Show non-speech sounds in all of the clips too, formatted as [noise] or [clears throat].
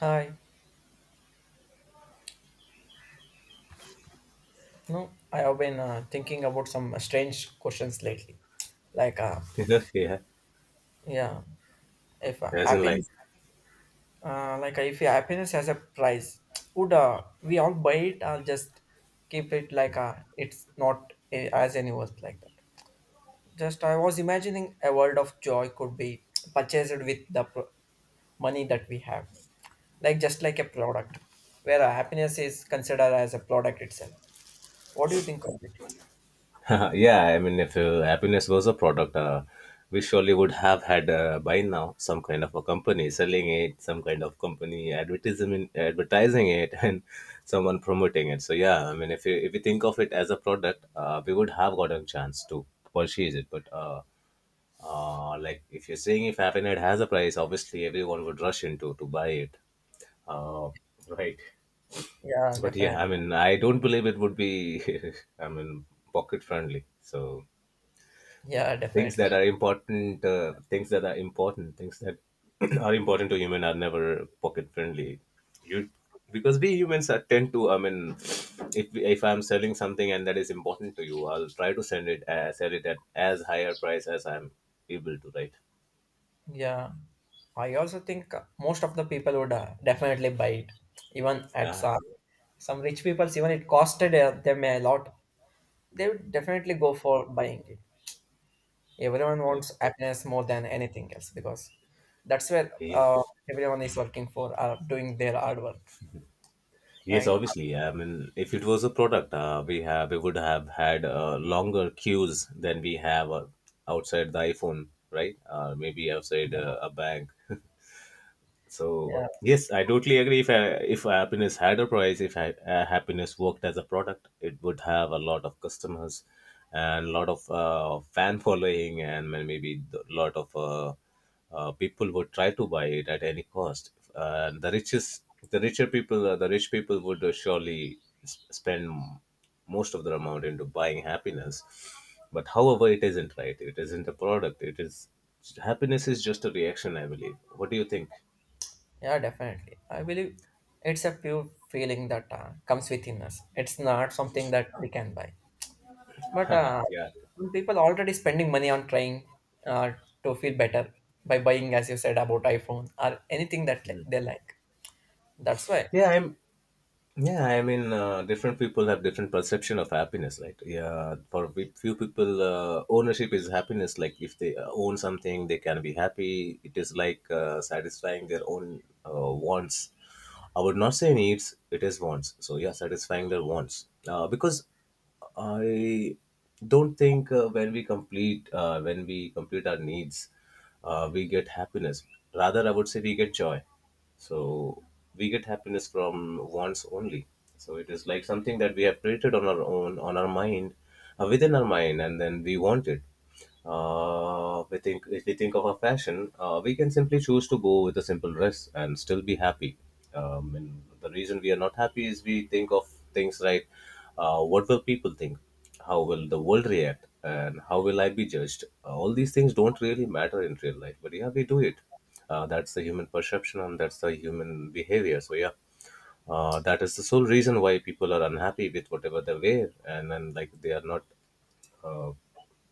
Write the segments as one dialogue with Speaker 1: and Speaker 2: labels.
Speaker 1: Hi. No, I have been thinking about some strange questions lately. Like,
Speaker 2: [laughs] yeah,
Speaker 1: yeah, if
Speaker 2: as in like,
Speaker 1: happiness, if happiness has a price, would we all buy it or just keep it like it's not a, as any worth like that? Just I was imagining a world of joy could be purchased with the money that we have, like just like a product, where happiness is considered as a product itself. What do you think of it?
Speaker 2: [laughs] yeah. I mean, if happiness was a product, we surely would have had by now some kind of a company selling it, some kind of company advertising it, [laughs] and someone promoting it. So yeah, I mean, if you think of it as a product, we would have gotten chance to purchase it. But like if you're saying if happiness has a price, obviously everyone would rush into to buy it. Uh, right.
Speaker 1: Yeah,
Speaker 2: But yeah, I
Speaker 1: definitely.
Speaker 2: mean, I don't believe it would be, [laughs] I mean, pocket friendly. So
Speaker 1: Yeah,
Speaker 2: things
Speaker 1: definitely.
Speaker 2: that are important, things that [clears throat] are important to human are never pocket friendly. You because we humans are tend to, I mean, if I'm selling something and that is important to you, I'll try to send it sell it at as higher price as I'm able to, right?
Speaker 1: Yeah. I also think most of the people would definitely buy it, even at
Speaker 2: Yeah,
Speaker 1: some rich people. Even it costed them a lot, they would definitely go for buying it. Everyone
Speaker 2: right.
Speaker 1: wants happiness more than anything else, because that's where
Speaker 2: Yeah.
Speaker 1: everyone is working for, doing their hard work,
Speaker 2: Yes,
Speaker 1: right?
Speaker 2: obviously. I mean, if it was a product, we would have had longer queues than we have outside the iPhone, right? Maybe outside a bank. [laughs] So
Speaker 1: Yeah,
Speaker 2: yes, I totally agree. If happiness had a price, if I, happiness worked as a product, it would have a lot of customers and a lot of fan following, and maybe a lot of people would try to buy it at any cost. The richer people, the rich people would surely spend most of their amount into buying happiness. But however, it isn't right. It isn't a product. It is happiness is just a reaction, I believe. What do you think?
Speaker 1: yeah, definitely. I believe it's a pure feeling that comes within us. It's not something that we can buy.
Speaker 2: [laughs]
Speaker 1: But
Speaker 2: Haha, yeah.
Speaker 1: some people already spending money on trying uh, to feel better by buying, as you said, about iPhone or anything that they like. That's why,
Speaker 2: Yeah i'm yeah I mean, different people have different perception of happiness, right? Yeah, for few people, ownership is happiness. Like if they own something, they can be happy. It is like satisfying their own wants. I would not say needs. It is wants. So yeah, satisfying their wants, because I don't think when we complete our needs, we get happiness. Rather, I would say we get joy. So we get happiness from wants only. So it is like something that we have created on our own, on our mind, within our mind, and then we want it. We think if we think of a fashion, we can simply choose to go with a simple dress and still be happy. And the reason we are not happy is we think of things like, what will people think? How will the world react? And how will I be judged? All these things don't really matter in real life, but yeah, we do it. That's the human perception and that's the human behavior. So yeah, that is the sole reason why people are unhappy with whatever they wear, and then like they are not uh,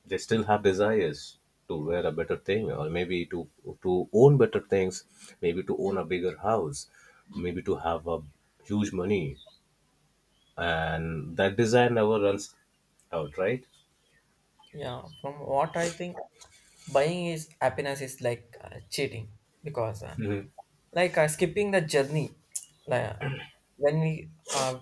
Speaker 2: they still have desires to wear a better thing, or maybe to own better things, maybe to own a bigger house, maybe to have a huge money, and that desire never runs out, right?
Speaker 1: yeah, from what I think, buying is happiness is like cheating, because, like, skipping the journey. Like, when we uh,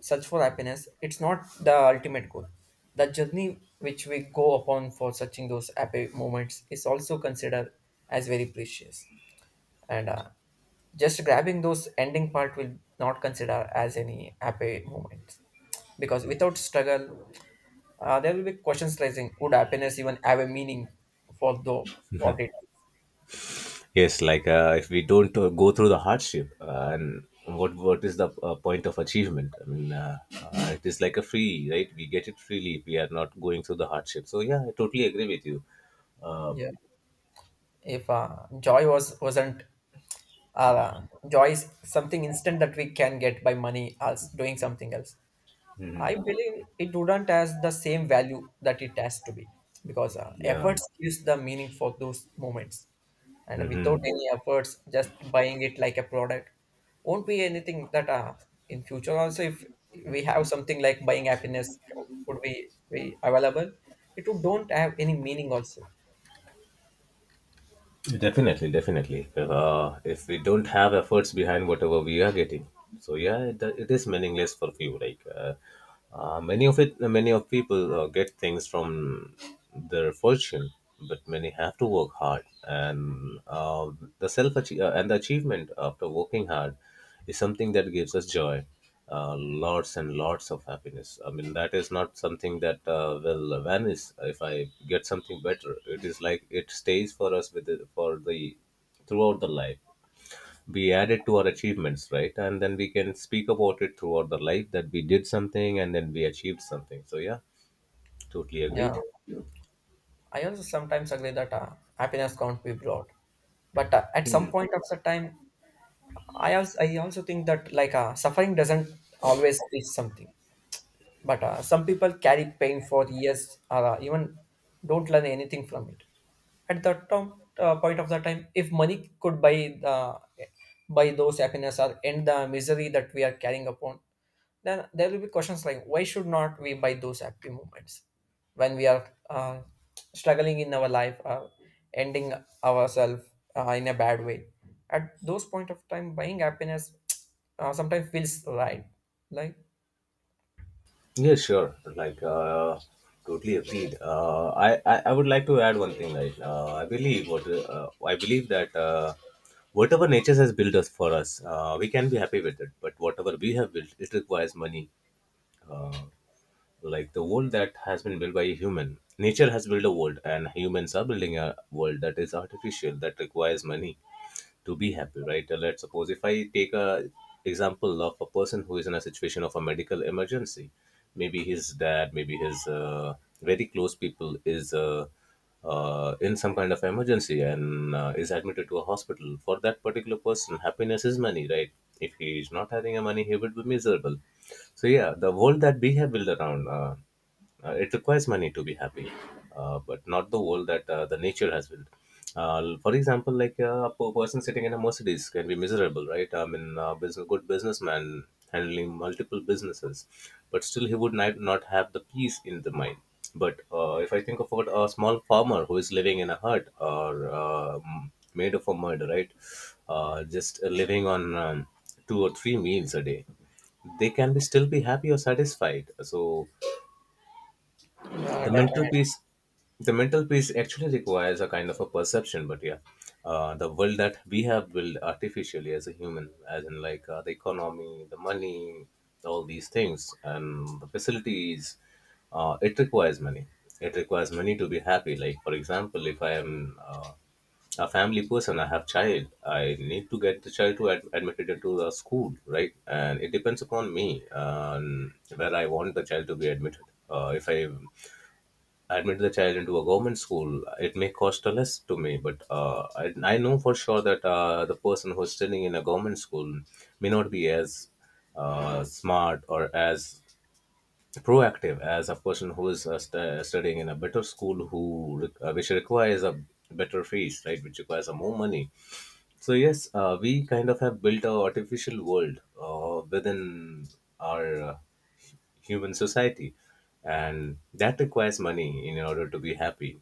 Speaker 1: search for happiness, it's not the ultimate goal. The journey which we go upon for searching those happy moments is also considered as very precious. And just grabbing those ending part will not consider as any happy moment, because without struggle, there will be questions raising would happiness even have a meaning for the what it
Speaker 2: Yes, like if we don't go through the hardship, and what is the point of achievement? I mean, it is like a free, right? We get it freely if we are not going through the hardship. So yeah, I totally agree with you.
Speaker 1: is.
Speaker 2: um,
Speaker 1: Yeah. If joy was wasn't uh, joy is something instant that we can get by money as doing something else,
Speaker 2: mhm.
Speaker 1: I believe it wouldn't has the same value that it has to be, because
Speaker 2: Yeah.
Speaker 1: efforts gives the meaning for those moments, and
Speaker 2: Hmm.
Speaker 1: without any efforts, just buying it like a product won't be anything that, in future also if we have something like buying happiness would be available, it would don't have any meaning also.
Speaker 2: Definitely, definitely. If we don't have efforts behind whatever we are getting, so yeah, it is meaningless for few. Like many of it, many of people get things from their fortune, but many have to work hard, and the self achie- and the achievement after working hard is something that gives us joy, lots and lots of happiness. I mean, that is not something that will vanish if I get something better. It is like it stays for us with the, for the throughout the life. We add it to our achievements, right? And then we can speak about it throughout the life that we did something and then we achieved something. So yeah, totally
Speaker 1: Yeah,
Speaker 2: agreed.
Speaker 1: I also sometimes agree that happiness can't be brought, but at some point of the time, I also think that like suffering doesn't always teach something. But some people carry pain for years, or even don't learn anything from it. At that time, point of the time, if money could buy those happiness or end the misery that we are carrying upon, then there will be questions like why should not we buy those happy moments when we are struggling in our life, ending ourselves in a bad way. At those point of time, buying happiness [tsk] sometimes feels right, like.
Speaker 2: Yeah, sure. Like, totally agreed. I would like to add one thing. Right, I believe that whatever nature has built us for us, we can be happy with it. But whatever we have built, it requires money. Uh, like the world that has been built by a human, nature has built a world, and humans are building a world that is artificial that requires money to be happy, right? Let's suppose if I take a example of a person who is in a situation of a medical emergency. Maybe his dad, maybe his very close people is in some kind of emergency and is admitted to a hospital. For that particular person, happiness is money, right? If he is not having a money, he would be miserable. So yeah, the world that we have built around it requires money to be happy, but not the world that the nature has built. For example, like a person sitting in a Mercedes can be miserable, right? I mean, a business, good businessman handling multiple businesses, but still he would not have the peace in the mind. But if I think of what a small farmer who is living in a hut or made of a mud, right? Just living on two or three meals a day, they can be still be happy or satisfied. So
Speaker 1: Yeah,
Speaker 2: the mental
Speaker 1: definitely.
Speaker 2: piece, the mental piece actually requires a kind of a perception. But yeah, the world that we have built artificially as a human, as in like the economy, the money, all these things and the facilities, uh, it requires money it requires money to be happy. Like for example, if I am a family person, I have child, I need to get the child to admitted into the school, right? And it depends upon me where I want the child to be admitted. If I admit the child into a government school, it may cost less to me, but I know for sure that the person who's studying in a government school may not be as smart or as proactive as a person who is studying in a better school, who which requires a better fees, right? Which requires a more money. So yes, we kind of have built a artificial world within our human society, and that requires money in order to be happy.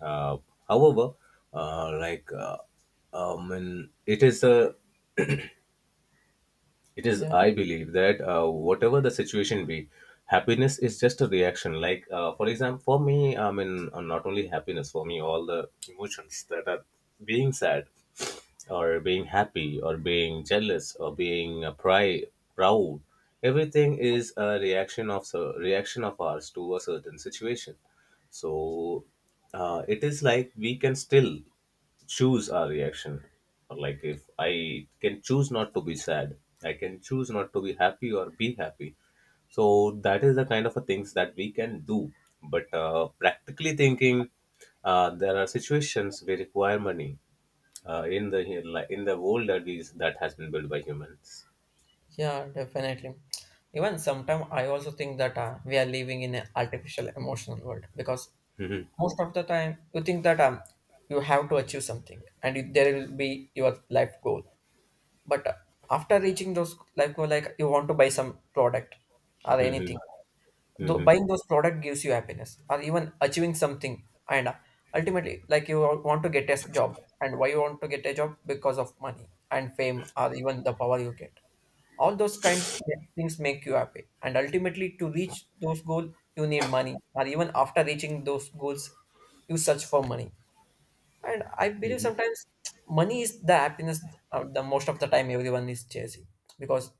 Speaker 2: Uh, however like and it is a it is, I believe, that whatever the situation be, happiness is just a reaction. Like, for example, for me, I mean, not only happiness, for me, all the emotions that are being sad, or being happy, or being jealous, or being proud, everything is a reaction of reaction of ours to a certain situation. So, it is like we can still choose our reaction. Or like if I can choose not to be sad, I can choose not to be happy or be happy. So that is the kind of a things that we can do. But practically thinking, there are situations we require money uh, in the in the world that is that has been built by humans.
Speaker 1: Yeah, definitely. Even sometimes I also think that we are living in an artificial emotional world, because
Speaker 2: Mhm.
Speaker 1: most of the time you think that, you have to achieve something and it, there will be your life goal. But after reaching those life goal, like you want to buy some product or anything,
Speaker 2: Mhm.
Speaker 1: though
Speaker 2: Mhm.
Speaker 1: buying those product gives you happiness or even achieving something, and ultimately like you all want to get a job, and why you want to get a job because of money and fame or even the power you get. All those kinds of things make you happy, and ultimately to reach those goals you need money, or even after reaching those goals you search for money. And I believe sometimes [tsk] money is the happiness, the most of the time everyone is chasing, because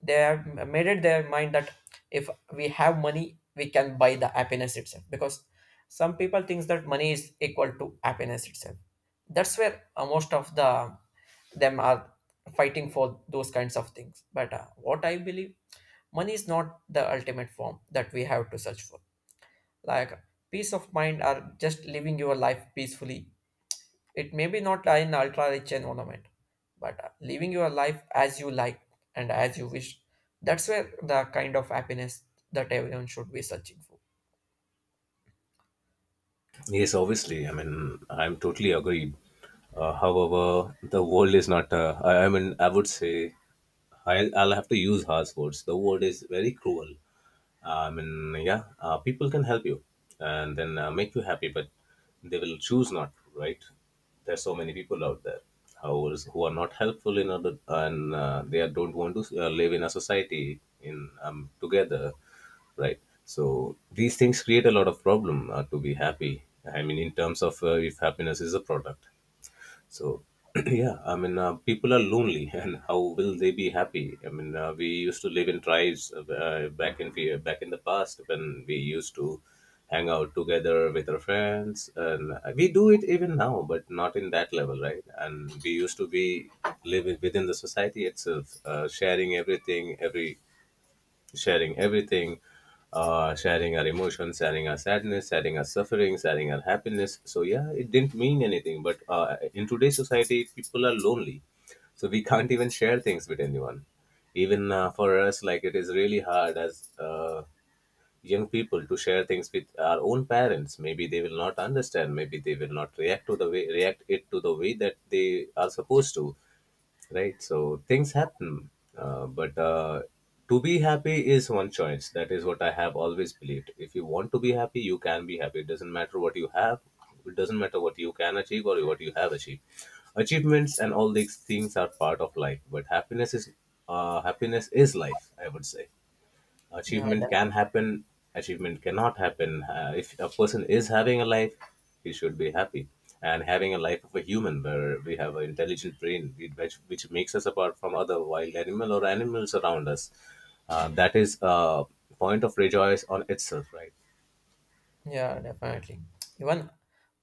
Speaker 1: they have made it their mind that if we have money we can buy the happiness itself, because some people think that money is equal to happiness itself. That's where most of the them are fighting for those kinds of things. But what I believe, money is not the ultimate form that we have to search for, like peace of mind or just living your life peacefully. It may be not an ultra rich environment, but living your life as you like and as you wish, that's where the kind of happiness that everyone should be searching for.
Speaker 2: Yes, obviously. I mean, I'm totally agreed. However, the world is not. I mean, I would say I'll have to use harsh words. The word is very cruel. I mean, yeah, people can help you and then make you happy, but they will choose not to, right? There's so many people out there who are not helpful in order and they are- don't want to live in a society in together, right? So these things create a lot of problem to be happy. I mean, in terms of if happiness is a product. So, [clears throat] yeah, I mean, people are lonely, [laughs] and how will they be happy? I mean, we used to live in tribes back in the past when we used to hang out together with our friends, and we do it even now, but not in that level, right? And we used to be living within the society itself, sharing everything, sharing our emotions, sharing our sadness, sharing our suffering, sharing our happiness. So yeah, it didn't mean anything. But in today's society, people are lonely, so we can't even share things with anyone. Even for us, like it is really hard as young people to share things with our own parents. Maybe they will not understand. Maybe they will not react to the way that they are supposed to, right? So things happen, but to be happy is one choice. That is what I have always believed. If you want to be happy, you can be happy. It doesn't matter what you have. It doesn't matter what you can achieve or what you have achieved. Achievements and all these things are part of life, but happiness is life, I would say.
Speaker 1: Yeah.
Speaker 2: Achievement can happen, achievement cannot happen if a person is having a life. He should be happy. And having a life of a human where we have an intelligent brain, which makes us apart from other wild animal or animals around us, that is a point of rejoice on itself, right?
Speaker 1: Yeah, definitely. Even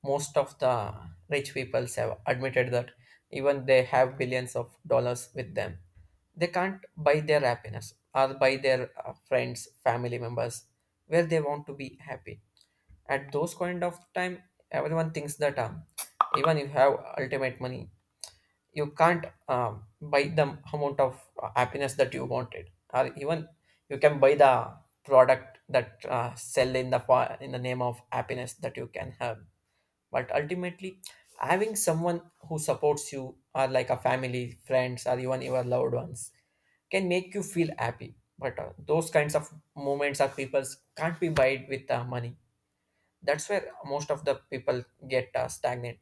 Speaker 1: most of the rich people have admitted that, even they have billions of dollars with them, they can't buy their happiness or buy their friends, family members where they want to be happy. At those kind of time, everyone thinks that, even if you have ultimate money, you can't, buy the amount of happiness that you wanted, or even you can buy the product that sell in the in the name of happiness that you can have, but ultimately having someone who supports you or like a family friends or even your loved ones can make you feel happy, but those kinds of moments or peoples can't be bought with money. That's where most of the people get stagnant,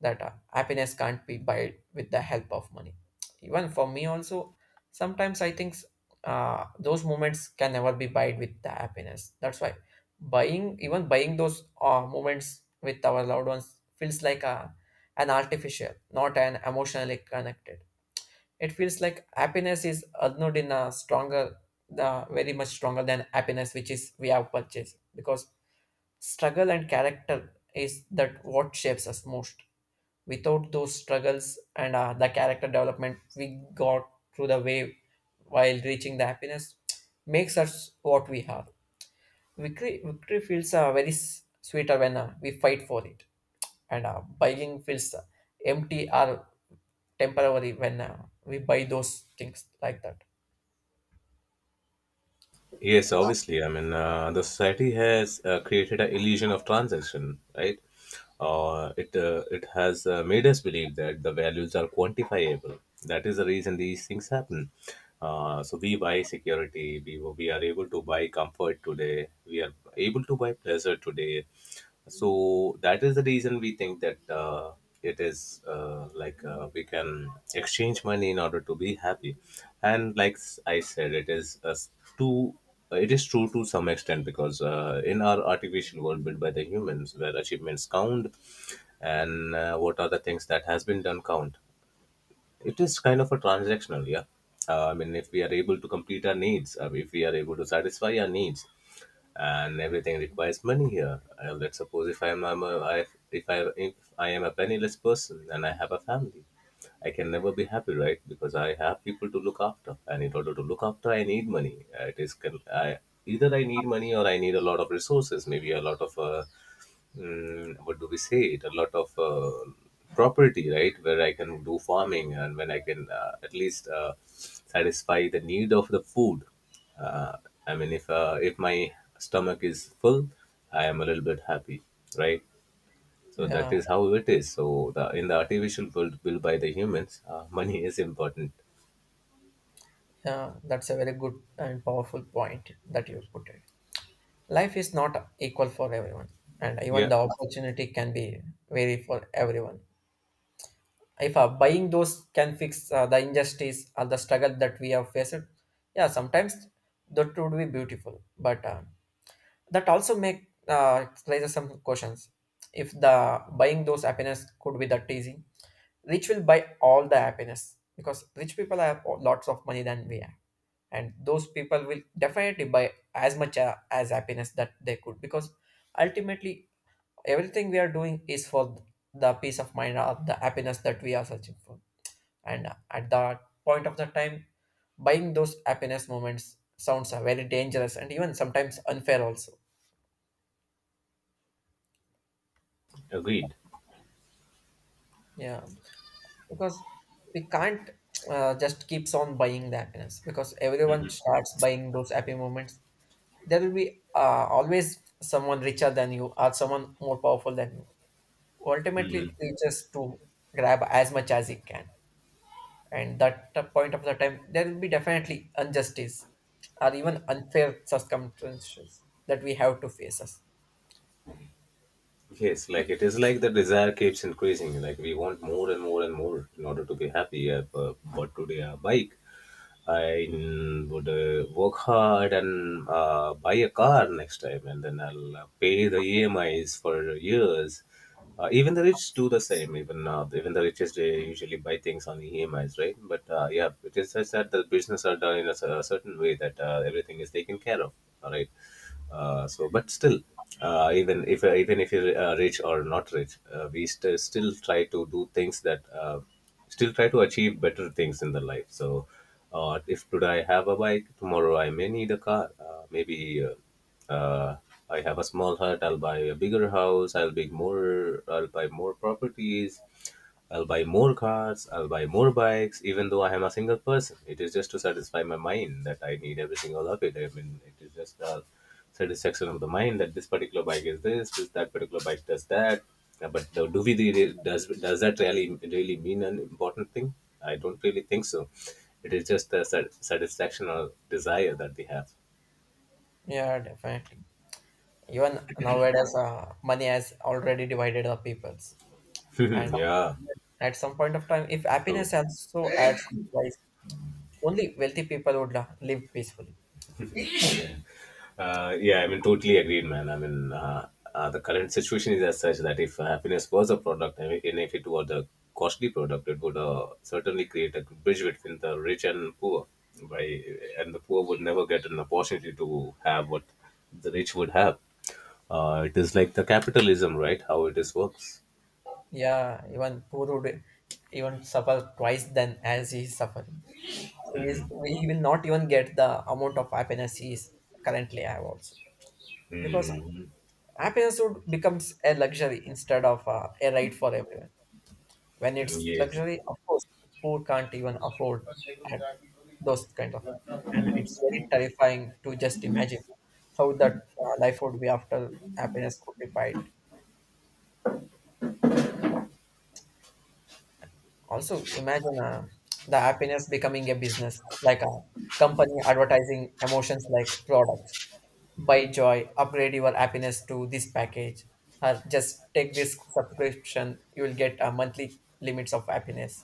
Speaker 1: that happiness can't be built with the help of money. Even for me also, sometimes I think those moments can never be bought with the happiness. That's why buying, even buying those moments with our loved ones feels like an artificial, not an emotionally connected. It feels like happiness is not in a stronger, very much stronger than happiness which is we have purchased, because struggle and character is that what shapes us most. Without those struggles and the character development we got through the way while reaching the happiness makes us what we are. Victory, feels very sweeter when we fight for it, and buying feels empty or temporary when we buy those things like that.
Speaker 2: Yes, obviously. I mean, the society has created an illusion of transaction, right? It has made us believe that the values are quantifiable. That is the reason these things happen. So we buy security. We are able to buy comfort today. We are able to buy pleasure today, so that is the reason we think that it is like we can exchange money in order to be happy. And like s- I said it is a s- to it is true to some extent because in our artificial world built by the humans where achievements count and what are the things that has been done count, it is kind of a transactional, yeah. I mean, if we are able to complete our needs, if we are able to satisfy our needs, and everything requires money here. Let's suppose if if I am a penniless person and I have a family, I can never be happy, right? Because I have people to look after, and in order to look after, I need money. It is either I need money or I need a lot of resources, maybe a lot of what do we say it, a lot of property, right? Where I can do farming and when I can at least satisfy the need of the food. uh, I mean, if my stomach is full, I am a little bit happy, right? So that
Speaker 1: Yeah,
Speaker 2: is how it is. So the in the artificial world built by the humans, money is important.
Speaker 1: yeah, that's a very good and powerful point that you put it. Life is not equal for everyone, and even
Speaker 2: Yeah,
Speaker 1: the opportunity can be vary for everyone. If buying those can fix the injustice or the struggle that we have faced, yeah, sometimes that would be beautiful. But that also make raises some questions. If the buying those happiness could be that easy, rich will buy all the happiness, because rich people have lots of money than we have, and those people will definitely buy as much as happiness that they could, because ultimately everything we are doing is for the peace of mind or the happiness that we are searching for, and at that point of the time buying those happiness moments sounds are very dangerous, and even sometimes unfair also.
Speaker 2: agreed.
Speaker 1: Yeah. Because we can't just keeps on buying the happiness, because everyone starts buying those happy moments, there will be always someone richer than you or someone more powerful than you, ultimately you just to grab as much as he can, and that point of the time there will be definitely injustice or even unfair circumstances that we have to face us.
Speaker 2: Yes, like it is like the desire keeps increasing. Like we want more and more and more in order to be happy. I bought today a bike, I would work hard and buy a car next time, and then I'll pay the EMIs for years. Even the rich do the same. Even the richest, they usually buy things on EMIs, right? But yeah, it is just that the business are done in a, a certain way that everything is taken care of. All right. But still, even if you're rich or not rich, we still try to do things that. Still try to achieve better things in the life. So, if today I have a bike, tomorrow I may need a car. Maybe I have a small hut. I'll buy a bigger house. I'll be more. I'll buy more properties. I'll buy more cars, I'll buy more bikes, even though I am a single person. It is just to satisfy my mind that I need every single of it. I mean, it is just a satisfaction of the mind that this particular bike is this, that particular bike does that. But do we really, does that really really mean an important thing? I don't really think so. It is just a satisfaction or desire that we have.
Speaker 1: Yeah, definitely. Even nowadays, money has already divided the peoples,
Speaker 2: [laughs]
Speaker 1: and
Speaker 2: Yeah,
Speaker 1: at some point of time if
Speaker 2: true.
Speaker 1: happiness also adds some price, only wealthy people would live peacefully.
Speaker 2: Yeah, I mean, totally agreed, man. I mean, the current situation is as such that if happiness was a product, I mean, and if it was a costly product, it would certainly create a bridge between the rich and poor. By and the poor would never get an opportunity to have what the rich would have. It is like the capitalism, right? How it is works.
Speaker 1: Yeah, even poor would even suffer twice than as he is suffering. He will not even get the amount of happiness he is currently have also, because
Speaker 2: Hmm.
Speaker 1: happiness would becomes a luxury instead of a right for everyone. When it's
Speaker 2: Yes.
Speaker 1: luxury, of course poor can't even afford uh, those kind of it. And it's very terrifying to just imagine how that life would be after happiness could be bought. Also imagine the happiness becoming a business like a company advertising emotions like products. By joy, upgrade your happiness to this package. Or just take this subscription, you will get a monthly limits of happiness.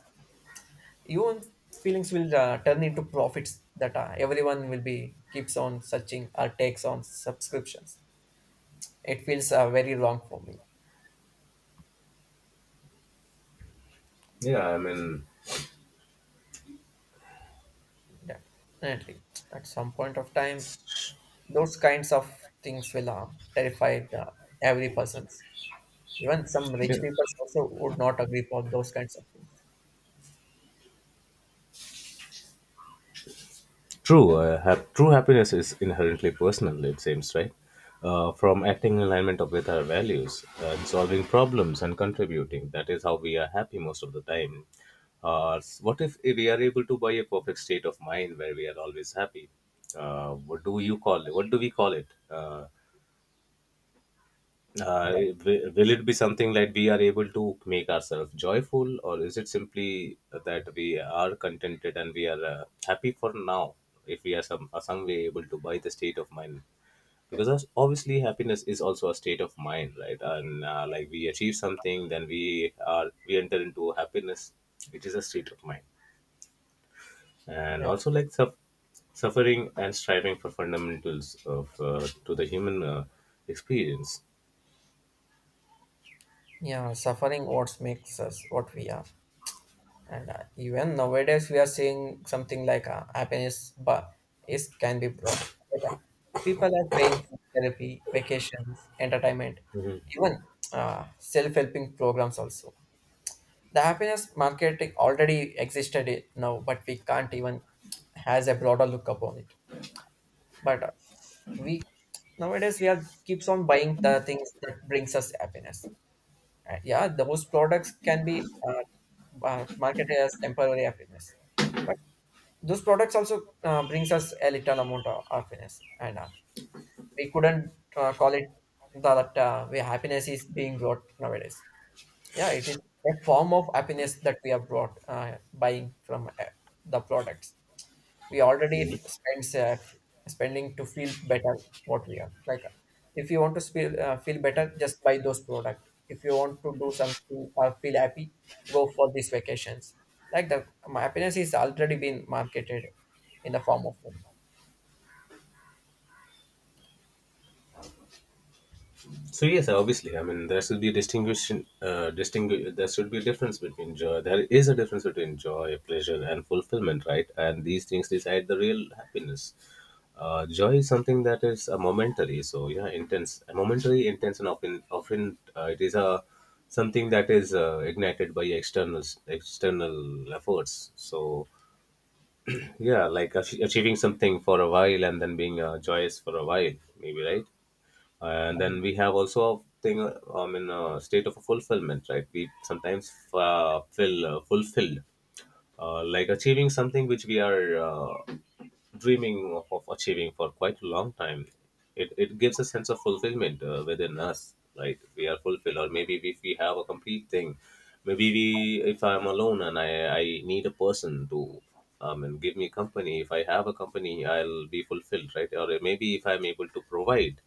Speaker 1: Your own feelings will turn into profits, that everyone will be keeps on searching or takes on subscriptions. It feels very wrong for me,
Speaker 2: Yeah, I mean,
Speaker 1: definitely. At some point of time, those kinds of things will terrify every person's. Even some rich
Speaker 2: yeah.
Speaker 1: people also would not agree for those kinds of things.
Speaker 2: True, true happiness is inherently personal, it seems, right? From acting with our values and solving problems and contributing. That is how we are happy most of the time. What if we are able to buy a perfect state of mind where we are always happy? What do you call it? What do we call it? Uh,
Speaker 1: Yeah.
Speaker 2: will it be something like we are able to make ourselves joyful, or is it simply that we are contented and we are happy for now, if we are some way able to buy the state of mind? Because obviously happiness is also a state of mind, right? And like we achieve something, then we enter into happiness, which is a state of mind. And
Speaker 1: Yeah.
Speaker 2: also like suffering and striving for fundamentals of to the human experience.
Speaker 1: Yeah, suffering what makes us what we are. And even nowadays, we are seeing something like happiness, but is can be brought. Like, people are paying for therapy, vacations, entertainment, even self-helping programs also. The happiness marketing already existed now, but we can't even has a broader look upon it. But we nowadays we are keeps on buying the things that brings us happiness. Yeah, those products can be marketed as temporary happiness, but those products also brings us a little amount of happiness, and we couldn't call it that way happiness is being brought nowadays. Yeah, it is a form of happiness that we have brought buying from the products we already spend, spending to feel better what we are. Like, if you want to feel feel better, just buy those product. If you want to do something or feel happy, go for these vacations. Like the, my happiness is already been marketed in the form of money.
Speaker 2: So yes, obviously, I mean there should be a distinguishing, there should be a difference between joy. There is a difference between joy, pleasure, and fulfillment, right? And these things decide the real happiness. Joy is something that is a momentary, so yeah, intense, a momentary, intense, and often it is a something that is ignited by external efforts. So yeah, like achieving something for a while and then being joyous for a while, maybe, right?
Speaker 1: Yeah.
Speaker 2: And then we have also a thing, I mean, a state of fulfillment, right? We sometimes feel fulfilled, like achieving something which we are dreaming of achieving for quite a long time. It gives a sense of fulfillment within us, right? We are fulfilled, or maybe if we have a complete thing, if I'm alone and I need a person to and give me company. If I have a company, I'll be fulfilled, right? Or maybe if I'm able to provide,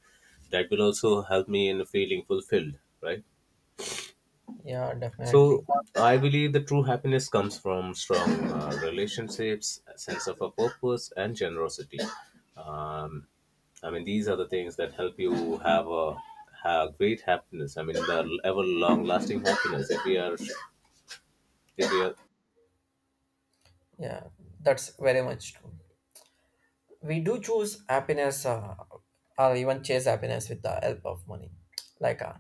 Speaker 2: that will also help me in feeling fulfilled, right?
Speaker 1: Yeah, definitely.
Speaker 2: So I believe the true happiness comes from strong relationships, a sense of a purpose, and generosity. Um, I mean, these are the things that help you have a have great happiness. I mean, the ever long lasting happiness. If we
Speaker 1: Yeah, that's very much true. We do choose happiness, or even chase happiness with the help of money, like,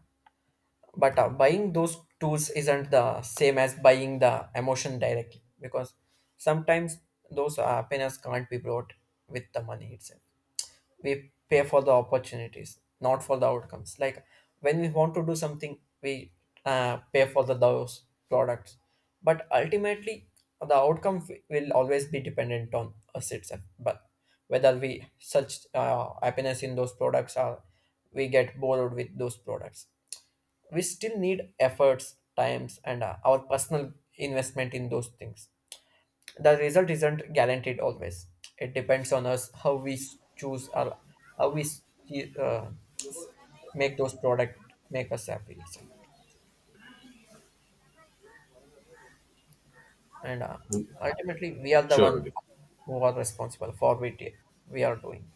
Speaker 1: but buying those tools isn't the same as buying the emotion directly, because sometimes those happiness can't be brought with the money itself. We pay for the opportunities, not for the outcomes. Like when we want to do something, we pay for the those products, but ultimately the outcome will always be dependent on us itself. But whether we search happiness in those products or we get bored with those products, we still need efforts, times, and our personal investment in those things. The result isn't guaranteed always. It depends on us how we choose, or how we uh, s- make those product make us happy itself. And
Speaker 2: are,
Speaker 1: ultimately, we are the one
Speaker 2: surely.
Speaker 1: who are responsible for what we are doing.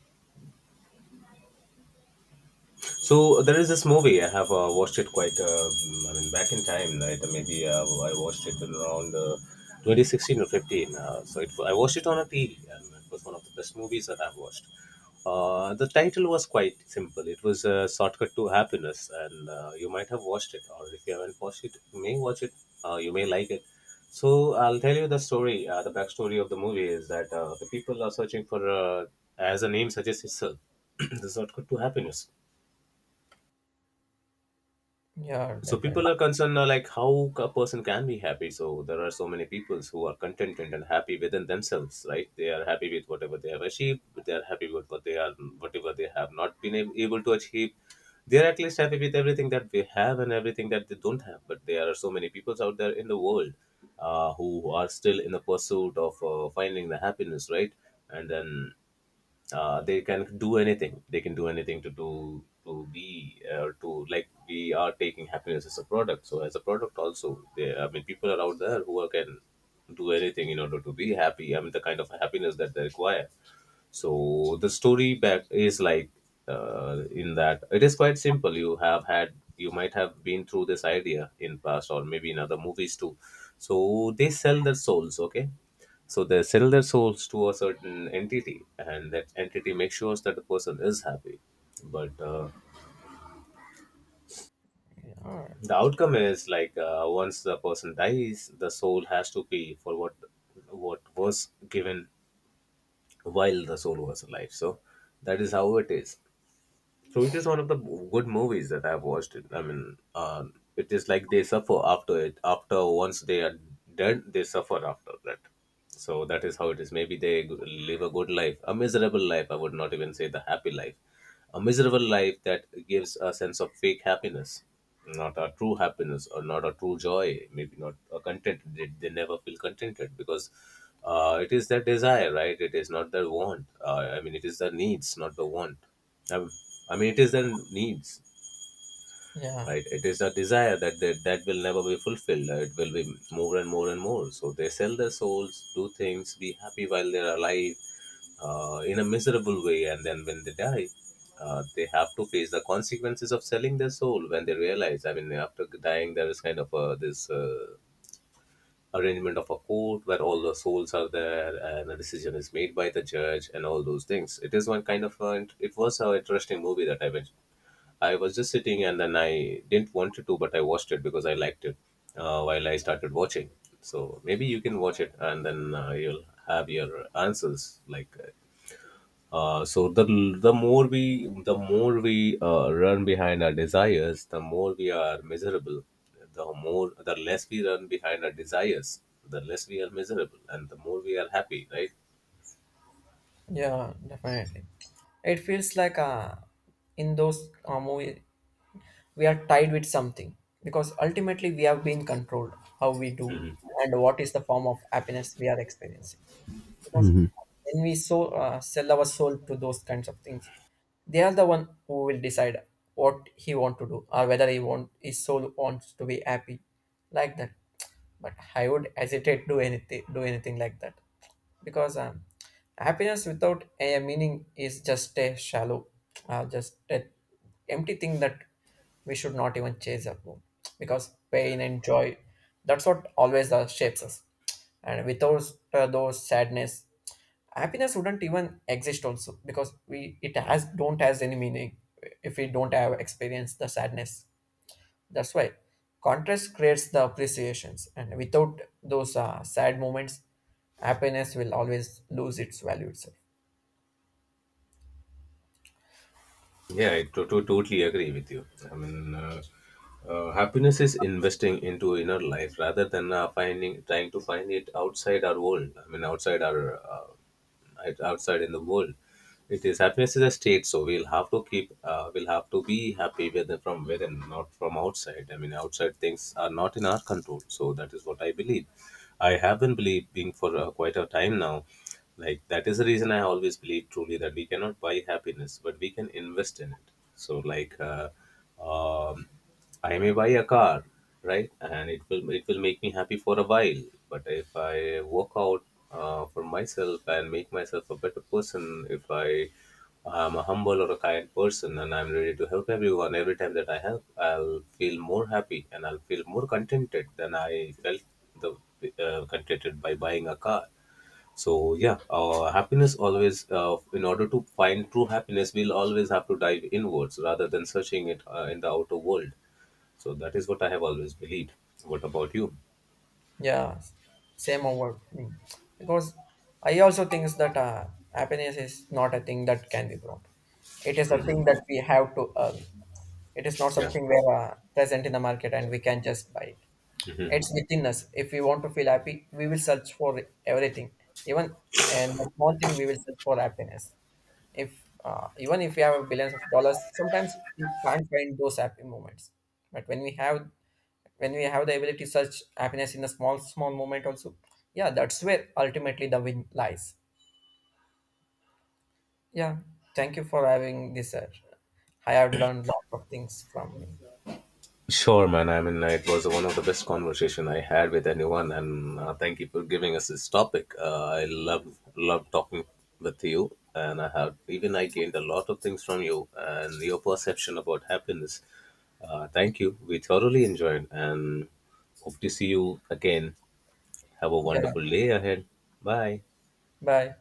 Speaker 2: So there is this movie I have watched it quite. I mean, back in time, right? Maybe I watched it in around 2016 or 15. I watched it on a TV, and it was one of the best movies that I've watched. The title was quite simple. It was "Shortcut to Happiness," and you might have watched it, or if you haven't watched it, you may watch it. You may like it. So I'll tell you the story. The backstory of the movie is that the people are searching for, as the name suggests itself, [clears throat] the shortcut to happiness.
Speaker 1: Yeah,
Speaker 2: So
Speaker 1: definitely.
Speaker 2: people are concerned like how a person can be happy. So there are so many people who are contented and happy within themselves, right? They are happy with whatever they have achieved. They are happy with what they are, whatever they have not been able to achieve. They are at least happy with everything that they have and everything that they don't have. But there are so many people out there in the world, who are still in the pursuit of finding the happiness, right? And then they can do anything, they can do anything to do to be to, like, we are taking happiness as a product, so as a product also they, I mean, people are out there who are, can do anything in order to be happy. I mean, the kind of happiness that they require. So the story back is like, in that, it is quite simple. You have had, you might have been through this idea in past or maybe in other movies too. So they sell their souls, okay? So they sell their souls to a certain entity, and that entity makes sure that the person is happy. But
Speaker 1: All right.
Speaker 2: the outcome is like once the person dies, the soul has to pay for what was given while the soul was alive. So that is how it is. So it is one of the good movies that I've watched. I mean, it is like they suffer after it. After once they are done, they suffer after that. So that is how it is. Live a good life, a miserable life. I would not even say the happy life, a miserable life that gives a sense of fake happiness, not a true happiness or not a true joy, maybe not a content. They never feel contented because it is their desire, right? It is not their want. I mean, it is their needs, not the want. Um, I mean, it is their needs,
Speaker 1: Yeah,
Speaker 2: right. It is a desire that will never be fulfilled. It will be more and more and more. So they sell their souls, do things, be happy while they're alive in a miserable way, and then when they die they have to face the consequences of selling their soul. When they realize, I mean, after dying, there is kind of a, this arrangement of a court where all the souls are there and a decision is made by the judge and all those things. It is one kind of it was an interesting movie that I was just sitting and then I didn't want to, but I watched it because I liked it while I started watching. So maybe you can watch it and then you'll have your answers. Like, so the more we run behind our desires, the more we are miserable. The less we run behind our desires, the less we are miserable, and the more we are happy. Right?
Speaker 1: yeah, definitely. It feels like in those movie we are tied with something, because ultimately we have been controlled how we do
Speaker 2: Mhm.
Speaker 1: and what is the form of happiness we are experiencing, because when we sell our soul to those kinds of things, they are the one who will decide what he want to do, or whether he want his soul wants to be happy like that. But I would hesitate to anything do anything like that, because happiness without a meaning is just a shallow, just an empty thing that we should not even chase after, because pain and joy, that's what always shapes us. And without those sadness, happiness wouldn't even exist also, because we it has don't has any meaning if we don't have experienced the sadness. That's why contrast creates the appreciations, and without those sad moments, happiness will always lose its value itself.
Speaker 2: Yeah, I totally agree with you. I mean, happiness is investing into inner life rather than finding trying to find it outside our world. I mean, uh, outside in the world. It is happiness is a state, so we'll have to be happy within, from within, not from outside. I mean, outside things are not in our control. So that is what I believe. I have been believing for quite a time now. Like, that is the reason I always believe truly that we cannot buy happiness, but we can invest in it. So like. Um, I may buy a car, right? And it will make me happy for a while. But if I work out for myself and make myself a better person, if I am a humble or a kind person and I'm ready to help everyone, every time that I help, I'll feel more happy and I'll feel more contented than I felt the contented by buying a car. So yeah, happiness always. In order to find true happiness, we'll always have to dive inwards rather than searching it in the outer world. So that is what I have always believed. What about you?
Speaker 1: Yeah, same over me. Because I also think that happiness is not a thing that can be brought. It is a thing that
Speaker 2: Hmm.
Speaker 1: we have to earn. It is not
Speaker 2: Yeah.
Speaker 1: something where present in the market and we can just buy it.
Speaker 2: Hmm.
Speaker 1: It's within us. If we want to feel happy, we will search for everything. Even and a small thing, we will search for happiness. If even if we have billions of dollars, sometimes we can't find those happy moments. But when we have the ability to search happiness in a small moment also, yeah, that's where ultimately the win lies. Yeah, thank you for having this, sir. I have learned lots of things from you.
Speaker 2: Sure, man. I mean, it was one of the best conversation I had with anyone, and thank you for giving us this topic. I love talking with you, and I have even I gained a lot of things from you and your perception about happiness. Thank you. We thoroughly enjoyed, and hope to see you again. Have a
Speaker 1: Yeah,
Speaker 2: wonderful day ahead. Bye.
Speaker 1: bye.